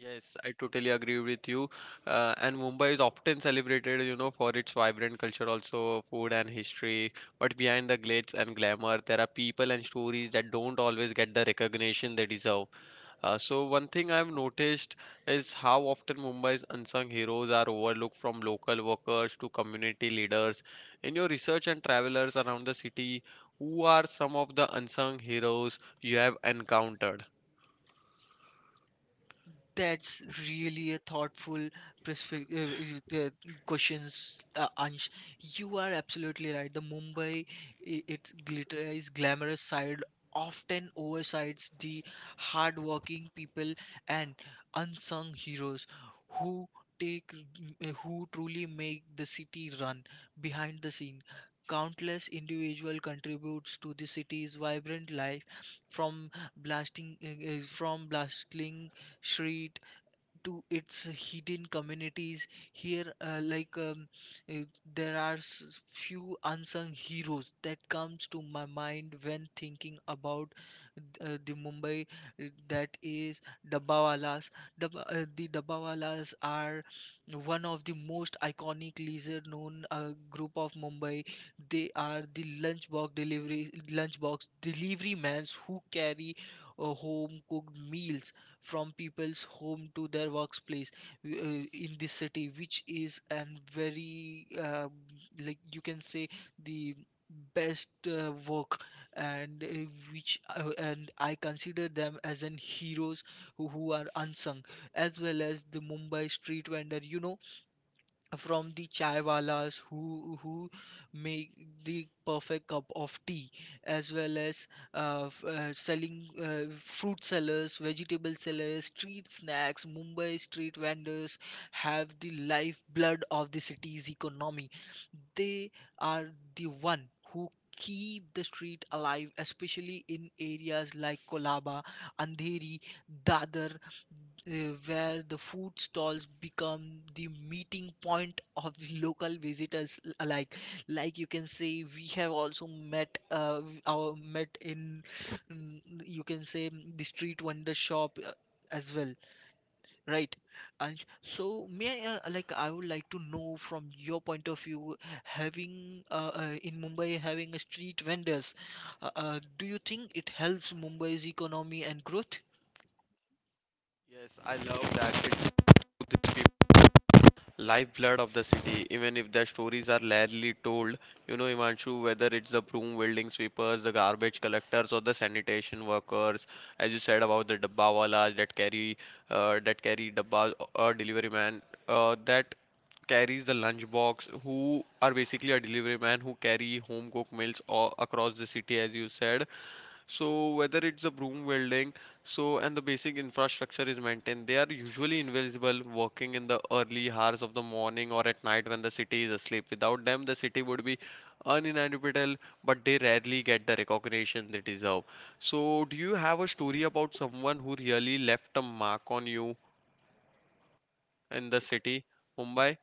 Speaker 1: Yes, I totally agree with you. And Mumbai is often celebrated, you know, for its vibrant culture, also food and history. But behind the glitz and glamour, there are people and stories that don't always get the recognition they deserve. So one thing I've noticed is how often Mumbai's unsung heroes are overlooked, from local workers to community leaders. In your research and travelers around the city, who are some of the unsung heroes you have encountered?
Speaker 2: That's really a thoughtful questions, Ansh. You are absolutely right. The Mumbai, I- its glitterized, glamorous side often oversights the hardworking people and unsung heroes who who truly make the city run behind the scene. Countless individual contributes to the city's vibrant life, from from blasting street to its hidden communities here uh, there are few unsung heroes that comes to my mind when thinking about the mumbai, that is dabawalas. The dabawalas are one of the most iconic leisure known group of mumbai. They are the lunchbox delivery mans who carry home cooked meals from people's home to their workplace in this city, which is an very like you can say the best work, and which and I consider them as an heroes who are unsung, as well as the mumbai street vendor. From the chai walas who make the perfect cup of tea, as well as selling fruit sellers, vegetable sellers, street snacks, mumbai street vendors have the lifeblood of the city's economy. They are the one who keep the street alive, especially in areas like kolaba, andheri, dadar, where the food stalls become the meeting point of the local visitors alike. Like you can say we have also met our met in mm, you can say the street wonder shop as well, right? And so may I, like I would like to know from your point of view, having in mumbai, having a street vendors, do you think it helps mumbai's economy and growth?
Speaker 1: Yes, I love that. It's lifeblood of the city, even if their stories are rarely told. You know, Imanshu, whether it's the broom wielding sweepers, the garbage collectors, or the sanitation workers, as you said about the dabbawalas that carry dabbas or delivery man that carries the lunchbox, who are basically a delivery man who carry home cooked meals all across the city, as you said. So whether it's a broom welding, so and the basic infrastructure is maintained, they are usually invisible, working in the early hours of the morning or at night when the city is asleep. Without them the city would be uninhabitable, but they rarely get the recognition they deserve. So do you have a story about someone who really left a mark on you in the city Mumbai?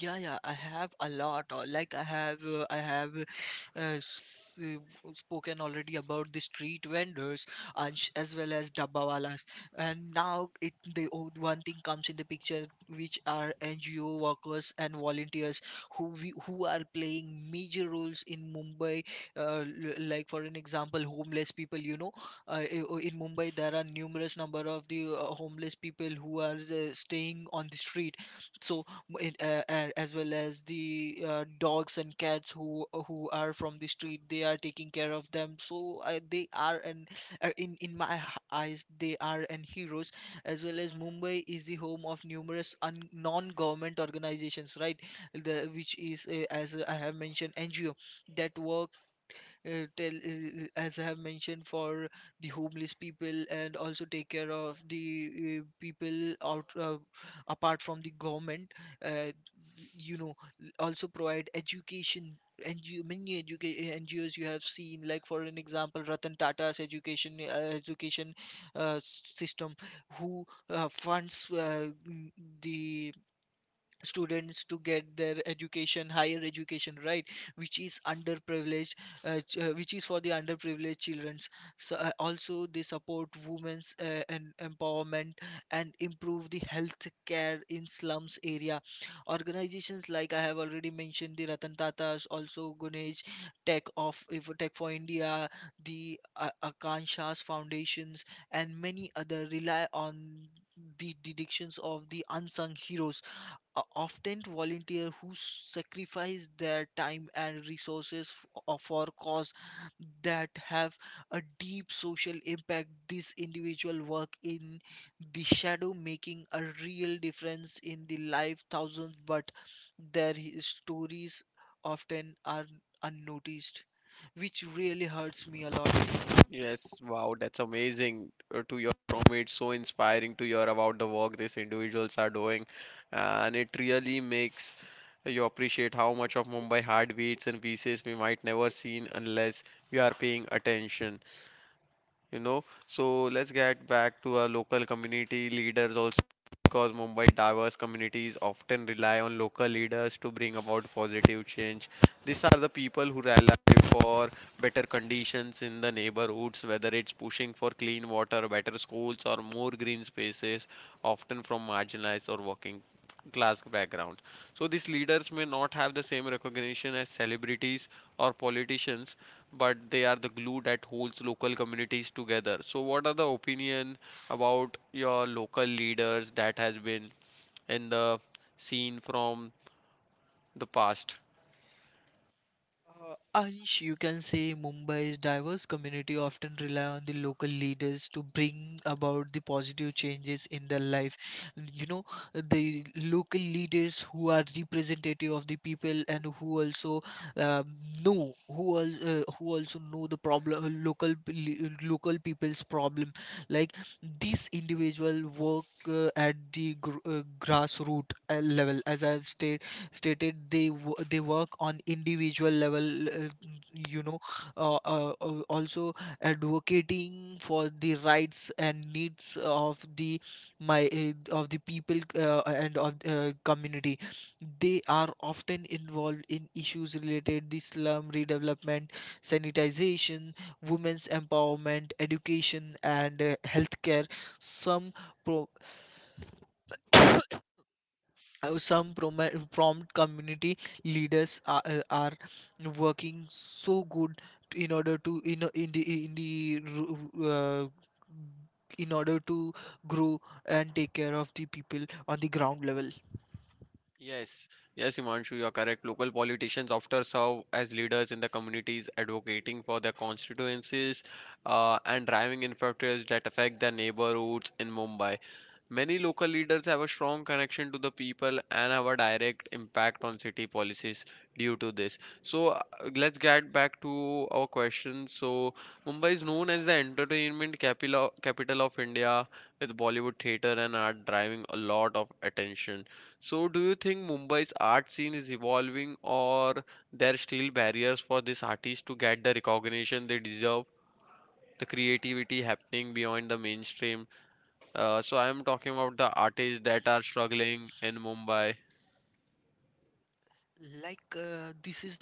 Speaker 2: Yeah, yeah, I have a lot. Like I have spoken already about the street vendors and as well as dabbawalas. And now it the old one thing comes in the picture, which are NGO workers and volunteers who we, who are playing major roles in Mumbai. Like for an example, homeless people. You know, in Mumbai there are numerous number of the homeless people who are staying on the street. So and as well as the dogs and cats who are from the street, they are taking care of them. So they are an in my eyes they are an heroes, as well as mumbai is the home of numerous non-government organizations, right? The which is as I have mentioned, NGO, that work tell as I have mentioned for the homeless people and also take care of the people out apart from the government. Uh, you know, also provide education. And you, many NGOs you have seen, like for an example, Ratan Tata's education education system, who funds the students to get their education, higher education, right, which is underprivileged, which is for the underprivileged childrens. So also they support women's and empowerment and improve the health care in slums area. Organizations like, I have already mentioned the Ratan Tatas, also Gunesh Tech of, if Tech for India, the Akanshas Foundations, and many other rely on the dedications of the unsung heroes, often volunteer who sacrifice their time and resources for cause that have a deep social impact. This individual work in the shadow, making a real difference in the life thousands, but their stories often are unnoticed, which really hurts me a lot.
Speaker 1: Yes, wow, that's amazing to your from, it's so inspiring to hear about the work these individuals are doing, and it really makes you appreciate how much of Mumbai heartbeats and pieces we might never seen unless we are paying attention, you know. So let's get back to our local community leaders also, because Mumbai diverse communities often rely on local leaders to bring about positive change. These are the people who rally for better conditions in the neighborhoods, whether it's pushing for clean water, better schools, or more green spaces, often from marginalized or working class backgrounds. So these leaders may not have the same recognition as celebrities or politicians, but they are the glue that holds local communities together. So, what are the opinion about your local leaders that has been in the scene from the past?
Speaker 2: Ayush, you can say Mumbai's diverse community often rely on the local leaders to bring about the positive changes in their life. You know, the local leaders who are representative of the people and who also um, know who al who also know the problem local people's problem. Like this individual work at the gr grassroots level, as I've stated they work on individual level, you know, also advocating for the rights and needs of my uh, the people and of community. They are often involved in issues related to slum redevelopment, sanitization, women's empowerment, education, and healthcare. Some pro- uh, some promi- prompt community leaders are working so good to, in order to in, a- in the ru- in order to grow and take care of the people on the ground level.
Speaker 1: Yes, yes, Himanshu, you are correct. Local politicians often serve as leaders in the communities, advocating for their constituencies and driving in factors that affect their neighborhoods in Mumbai. Many local leaders have a strong connection to the people and have a direct impact on city policies due to this. So let's get back to our question. So Mumbai is known as the entertainment capital of India, with Bollywood theater and art driving a lot of attention. So do you think Mumbai's art scene is evolving, or there are still barriers for these artists to get the recognition they deserve? The creativity happening beyond the mainstream, so I am talking about the artists that are struggling in Mumbai.
Speaker 2: Like, this is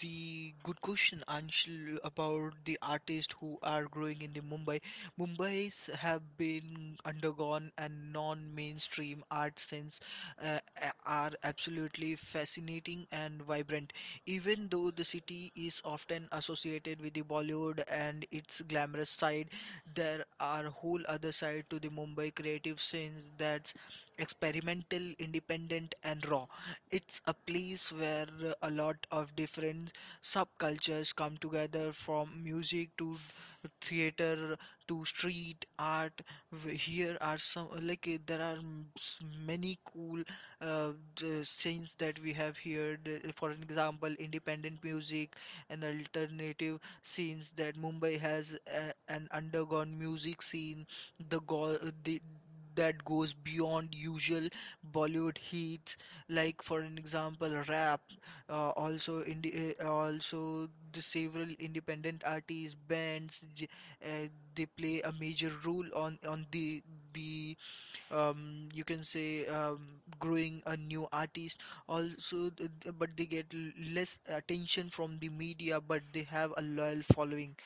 Speaker 2: the good question, Anshul, about the artists who are growing in the Mumbai. Mumbai's have been undergone a non-mainstream art sense, are absolutely fascinating and vibrant. Even though the city is often associated with the Bollywood and its glamorous side, there are whole other side to the Mumbai creative sense that's experimental, independent, and raw. It's a place where a lot of different subcultures come together, from music to theater to street art. Here are some, like there are m- s- many cool scenes that we have here. For example, independent music and alternative scenes that Mumbai has, an undergone music scene. The, go- the That goes beyond usual Bollywood hits, like for an example rap. Also the several independent artists bands, uh, they play a major role on the um, you can say growing a new artist. Also, but they get less attention from the media, but they have a loyal following.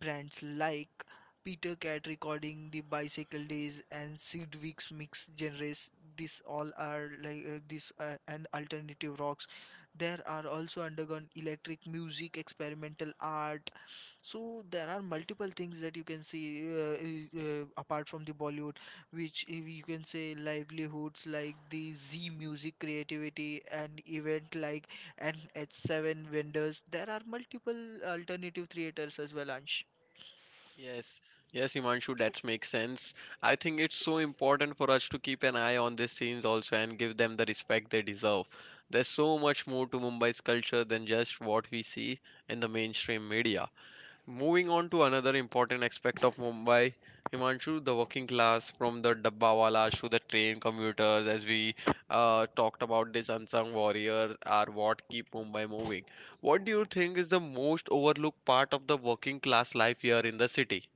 Speaker 2: Brands like Peter Cat recording the Bicycle Days and Sid Weeks mix genres. These all are like, this and alternative rocks. There are also undergone electric music, experimental art. So there are multiple things that you can see, apart from the Bollywood, which if you can say livelihoods like the Z music creativity and event like, and at seven vendors, there are multiple alternative theaters as well, Ansh.
Speaker 1: Yes, yes, Himanshu, that makes sense. I think it's so important for us to keep an eye on these scenes also and give them the respect they deserve. There's so much more to Mumbai's culture than just what we see in the mainstream media. Moving on to another important aspect of Mumbai, Himanshu, the working class, from the dabbawalas to the train commuters, as we talked about, these unsung warriors are what keep Mumbai moving. What do you think is the most overlooked part of the working class life here in the city?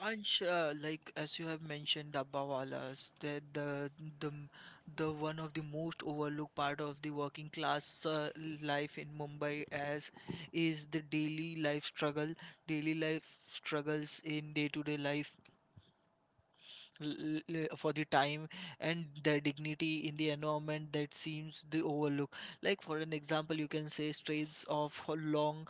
Speaker 2: Ansh, like as you have mentioned Dabbawalas, that the m- the one of the most overlooked part of the working class life in Mumbai as is the daily life struggles in day to day life, for the time and their dignity in the environment that seems the overlook. Like for an example, you can say strains of long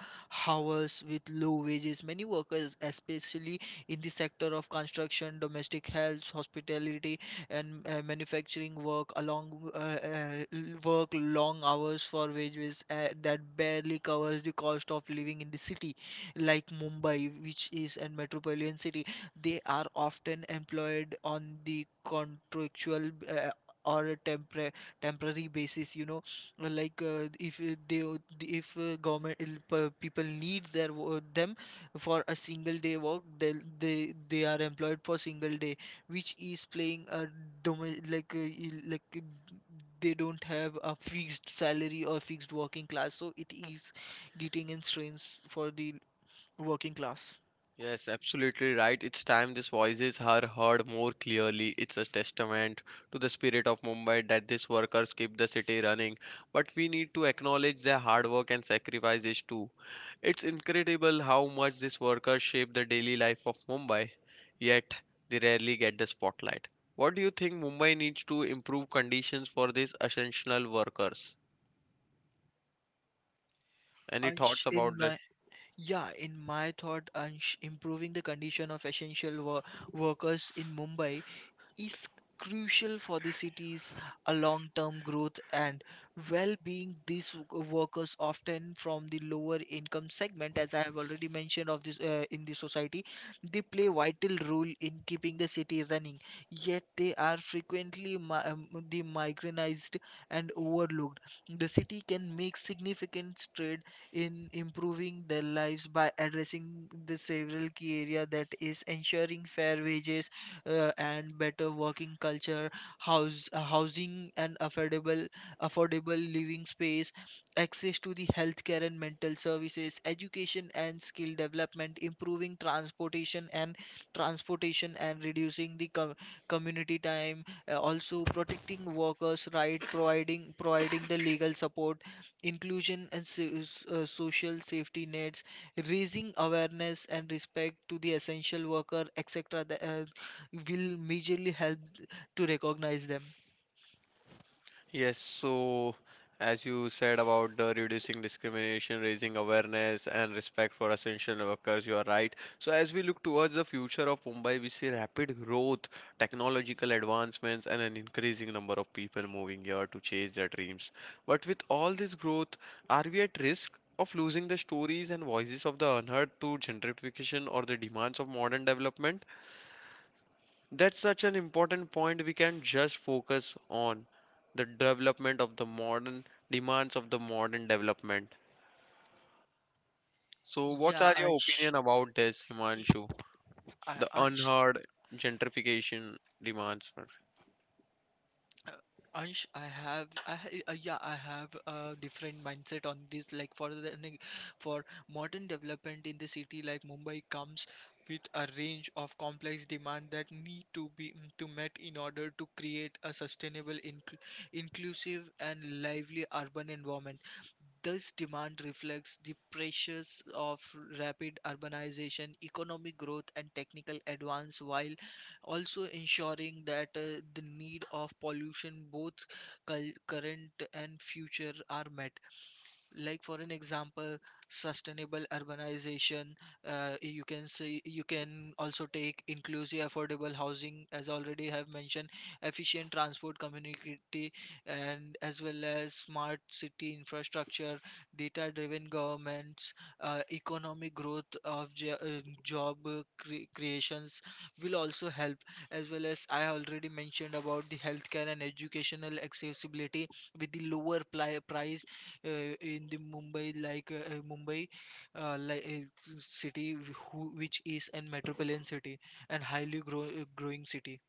Speaker 2: hours with low wages. Many workers, especially in the sector of construction, domestic health, hospitality, and manufacturing work long hours for wages that barely covers the cost of living in the city, like Mumbai, which is a metropolitan city. They are often employed on the contractual, or a temporary basis. You know, like, if they o- if government people need their them for a single day work, they they are employed for single day, which is playing a domi- like uh, il- like uh, they don't have a fixed salary or fixed working class, so it is getting in strains for the working class.
Speaker 1: Yes, absolutely right. It's time these voices are heard more clearly. It's a testament to the spirit of Mumbai that these workers keep the city running. But we need to acknowledge their hard work and sacrifices too. It's incredible how much these workers shape the daily life of Mumbai, yet they rarely get the spotlight. What do you think Mumbai needs to improve conditions for these essential workers? Any
Speaker 2: Ansh,
Speaker 1: thoughts
Speaker 2: in
Speaker 1: about that?
Speaker 2: my Yeah, in my thought, Ansh, improving the condition of essential workers in Mumbai is crucial for the city's long-term growth and well-being. These workers, often from the lower income segment, as I have already mentioned of this in the society, they play vital role in keeping the city running, yet they are frequently the migranized and overlooked. The city can make significant stride in improving their lives by addressing the several key area, that is ensuring fair wages and better working culture, housing and affordable living space, access to the healthcare and mental services, education and skill development, improving transportation and reducing the community time, also protecting workers' right, providing the legal support, inclusion and social safety nets, raising awareness and respect to the essential worker, etc., will majorly help to recognize them.
Speaker 1: Yes, so as you said about the reducing discrimination, raising awareness and respect for essential workers, you are right. So as we look towards the future of Mumbai, we see rapid growth, technological advancements, and an increasing number of people moving here to chase their dreams. But with all this growth, are we at risk of losing the stories and voices of the unheard to gentrification or the demands of modern development? That's such an important point. We can just focus on the development of the modern, demands of the modern development. So, what
Speaker 2: Yeah,
Speaker 1: are your
Speaker 2: Ansh.
Speaker 1: opinion about this, Himanshu?
Speaker 2: Yeah,
Speaker 1: The
Speaker 2: Ansh.
Speaker 1: unheard, gentrification, demands.
Speaker 2: Uh, Ansh, I have, I ha- yeah, I have a different mindset on this. Like for modern development in the city like Mumbai comes with a range of complex demand that need to be mm, to met, in order to create a sustainable, inclusive, and lively urban environment. This demand reflects the pressures of rapid urbanization, economic growth, and technical advance, while also ensuring that the need of pollution, both current and future, are met. Like for an example, sustainable urbanization, you can see, you can also take inclusive affordable housing, as already have mentioned, efficient transport community and as well as smart city infrastructure, data driven governments, economic growth of job creations will also help, as well as I already mentioned about the healthcare and educational accessibility with the lower price in the Mumbai, like, Mumbai, city who, which is an metropolitan city and highly growing city.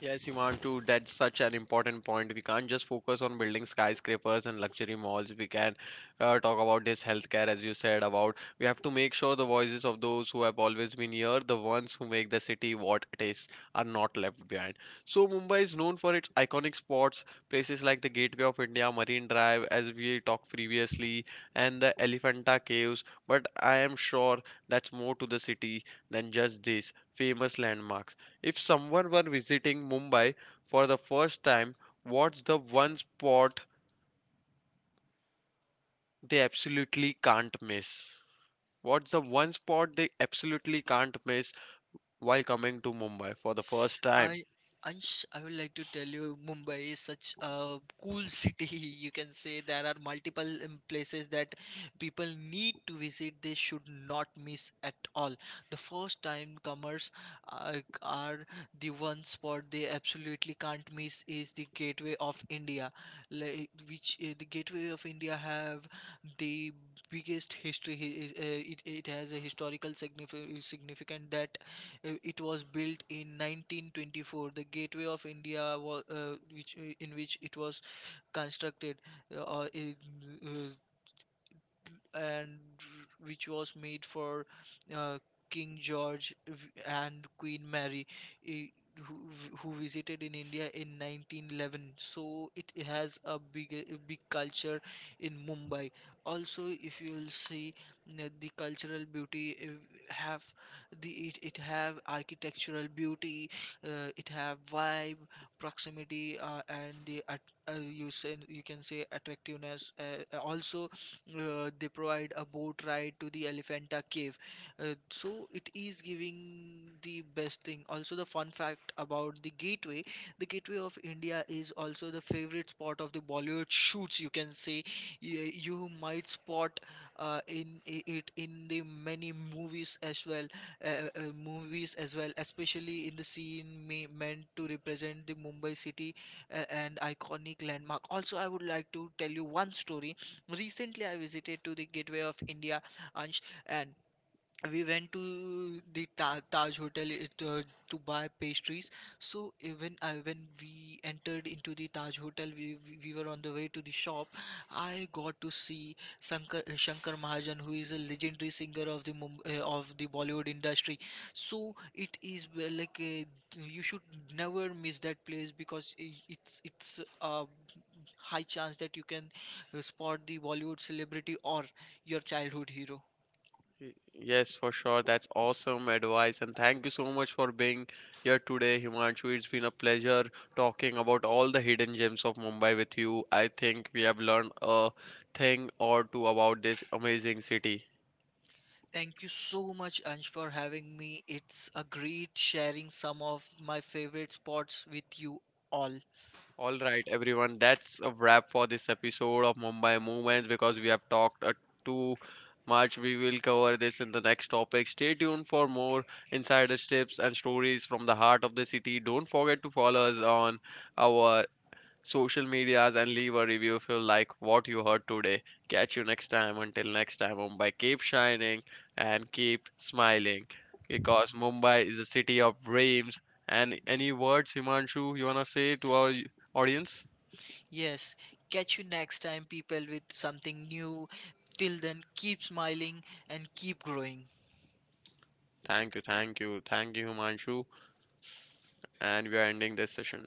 Speaker 1: Yes, you want to. That's such an important point. We can't just focus on building skyscrapers and luxury malls. We can talk about this healthcare, as you said, about we have to make sure the voices of those who have always been here, the ones who make the city what it is, are not left behind. So, Mumbai is known for its iconic spots, places like the Gateway of India, Marine Drive, as we talked previously, and the Elephanta Caves. But I am sure that's more to the city than just this famous landmarks. If someone were visiting Mumbai for the first time, what's the one spot they absolutely can't miss? What's the one spot they absolutely can't miss while coming to Mumbai for the first time?
Speaker 2: I Ansh, I would like to tell you, Mumbai is such a cool city. You can say there are multiple places that people need to visit. They should not miss at all. The first time comers are, the one spot they absolutely can't miss is the Gateway of India, like, which the Gateway of India have the biggest history. It, it has a historical significant that it was built in 1924. The Gateway of India, wa- which in which it was constructed, uh, uh, in, uh, and which was made for uh, King George V and Queen Mary, eh, who, who visited in India in 1911. So it has a big culture in Mumbai. Also, if you will see the cultural beauty, eh, have the, it have architectural beauty, it have vibe, proximity, and you say, you can say attractiveness. Also, they provide a boat ride to the Elephanta Cave, so it is giving the best thing. Also the fun fact about the Gateway of India, is also the favorite spot of the Bollywood shoots. You can say you might spot it in the many movies as well, uh, movies as well, especially in the scene me meant to represent the Mumbai city and iconic landmark. Also, I would like to tell you one story. Recently, I visited to the Gateway of India, Ansh, and we went to the Taj Hotel, to buy pastries. So when I, when we entered into the Taj Hotel, we were on the way to the shop. I got to see Shankar Mahajan, who is a legendary singer of the Bollywood industry. So it is well, like, you should never miss that place, because it's a high chance that you can spot the Bollywood celebrity or your childhood hero.
Speaker 1: Y- Yes, for sure. That's awesome advice. And thank you so much for being here today, Himanshu. It's been a pleasure talking about all the hidden gems of Mumbai with you. I think we have learned a thing or two about this amazing city.
Speaker 2: Thank you so much, Ansh, for having me. It's a great sharing some of my favorite spots with you all.
Speaker 1: All right, everyone, that's a wrap for this episode of Mumbai Movements because we have talked too much. We will cover this in the next topic. Stay tuned for more insider tips and stories from the heart of the city. Don't forget to follow us on our social medias and leave a review if you like what you heard today. Catch you next time. Until next time, Mumbai, keep shining and keep smiling because Mumbai is a city of dreams. And any words, Himanshu, you wanna say to our audience?
Speaker 2: Yes, catch you next time, people, with something new. Till then, keep smiling and keep growing.
Speaker 1: Thank you, thank you, thank you, Himanshu. And we are ending this session.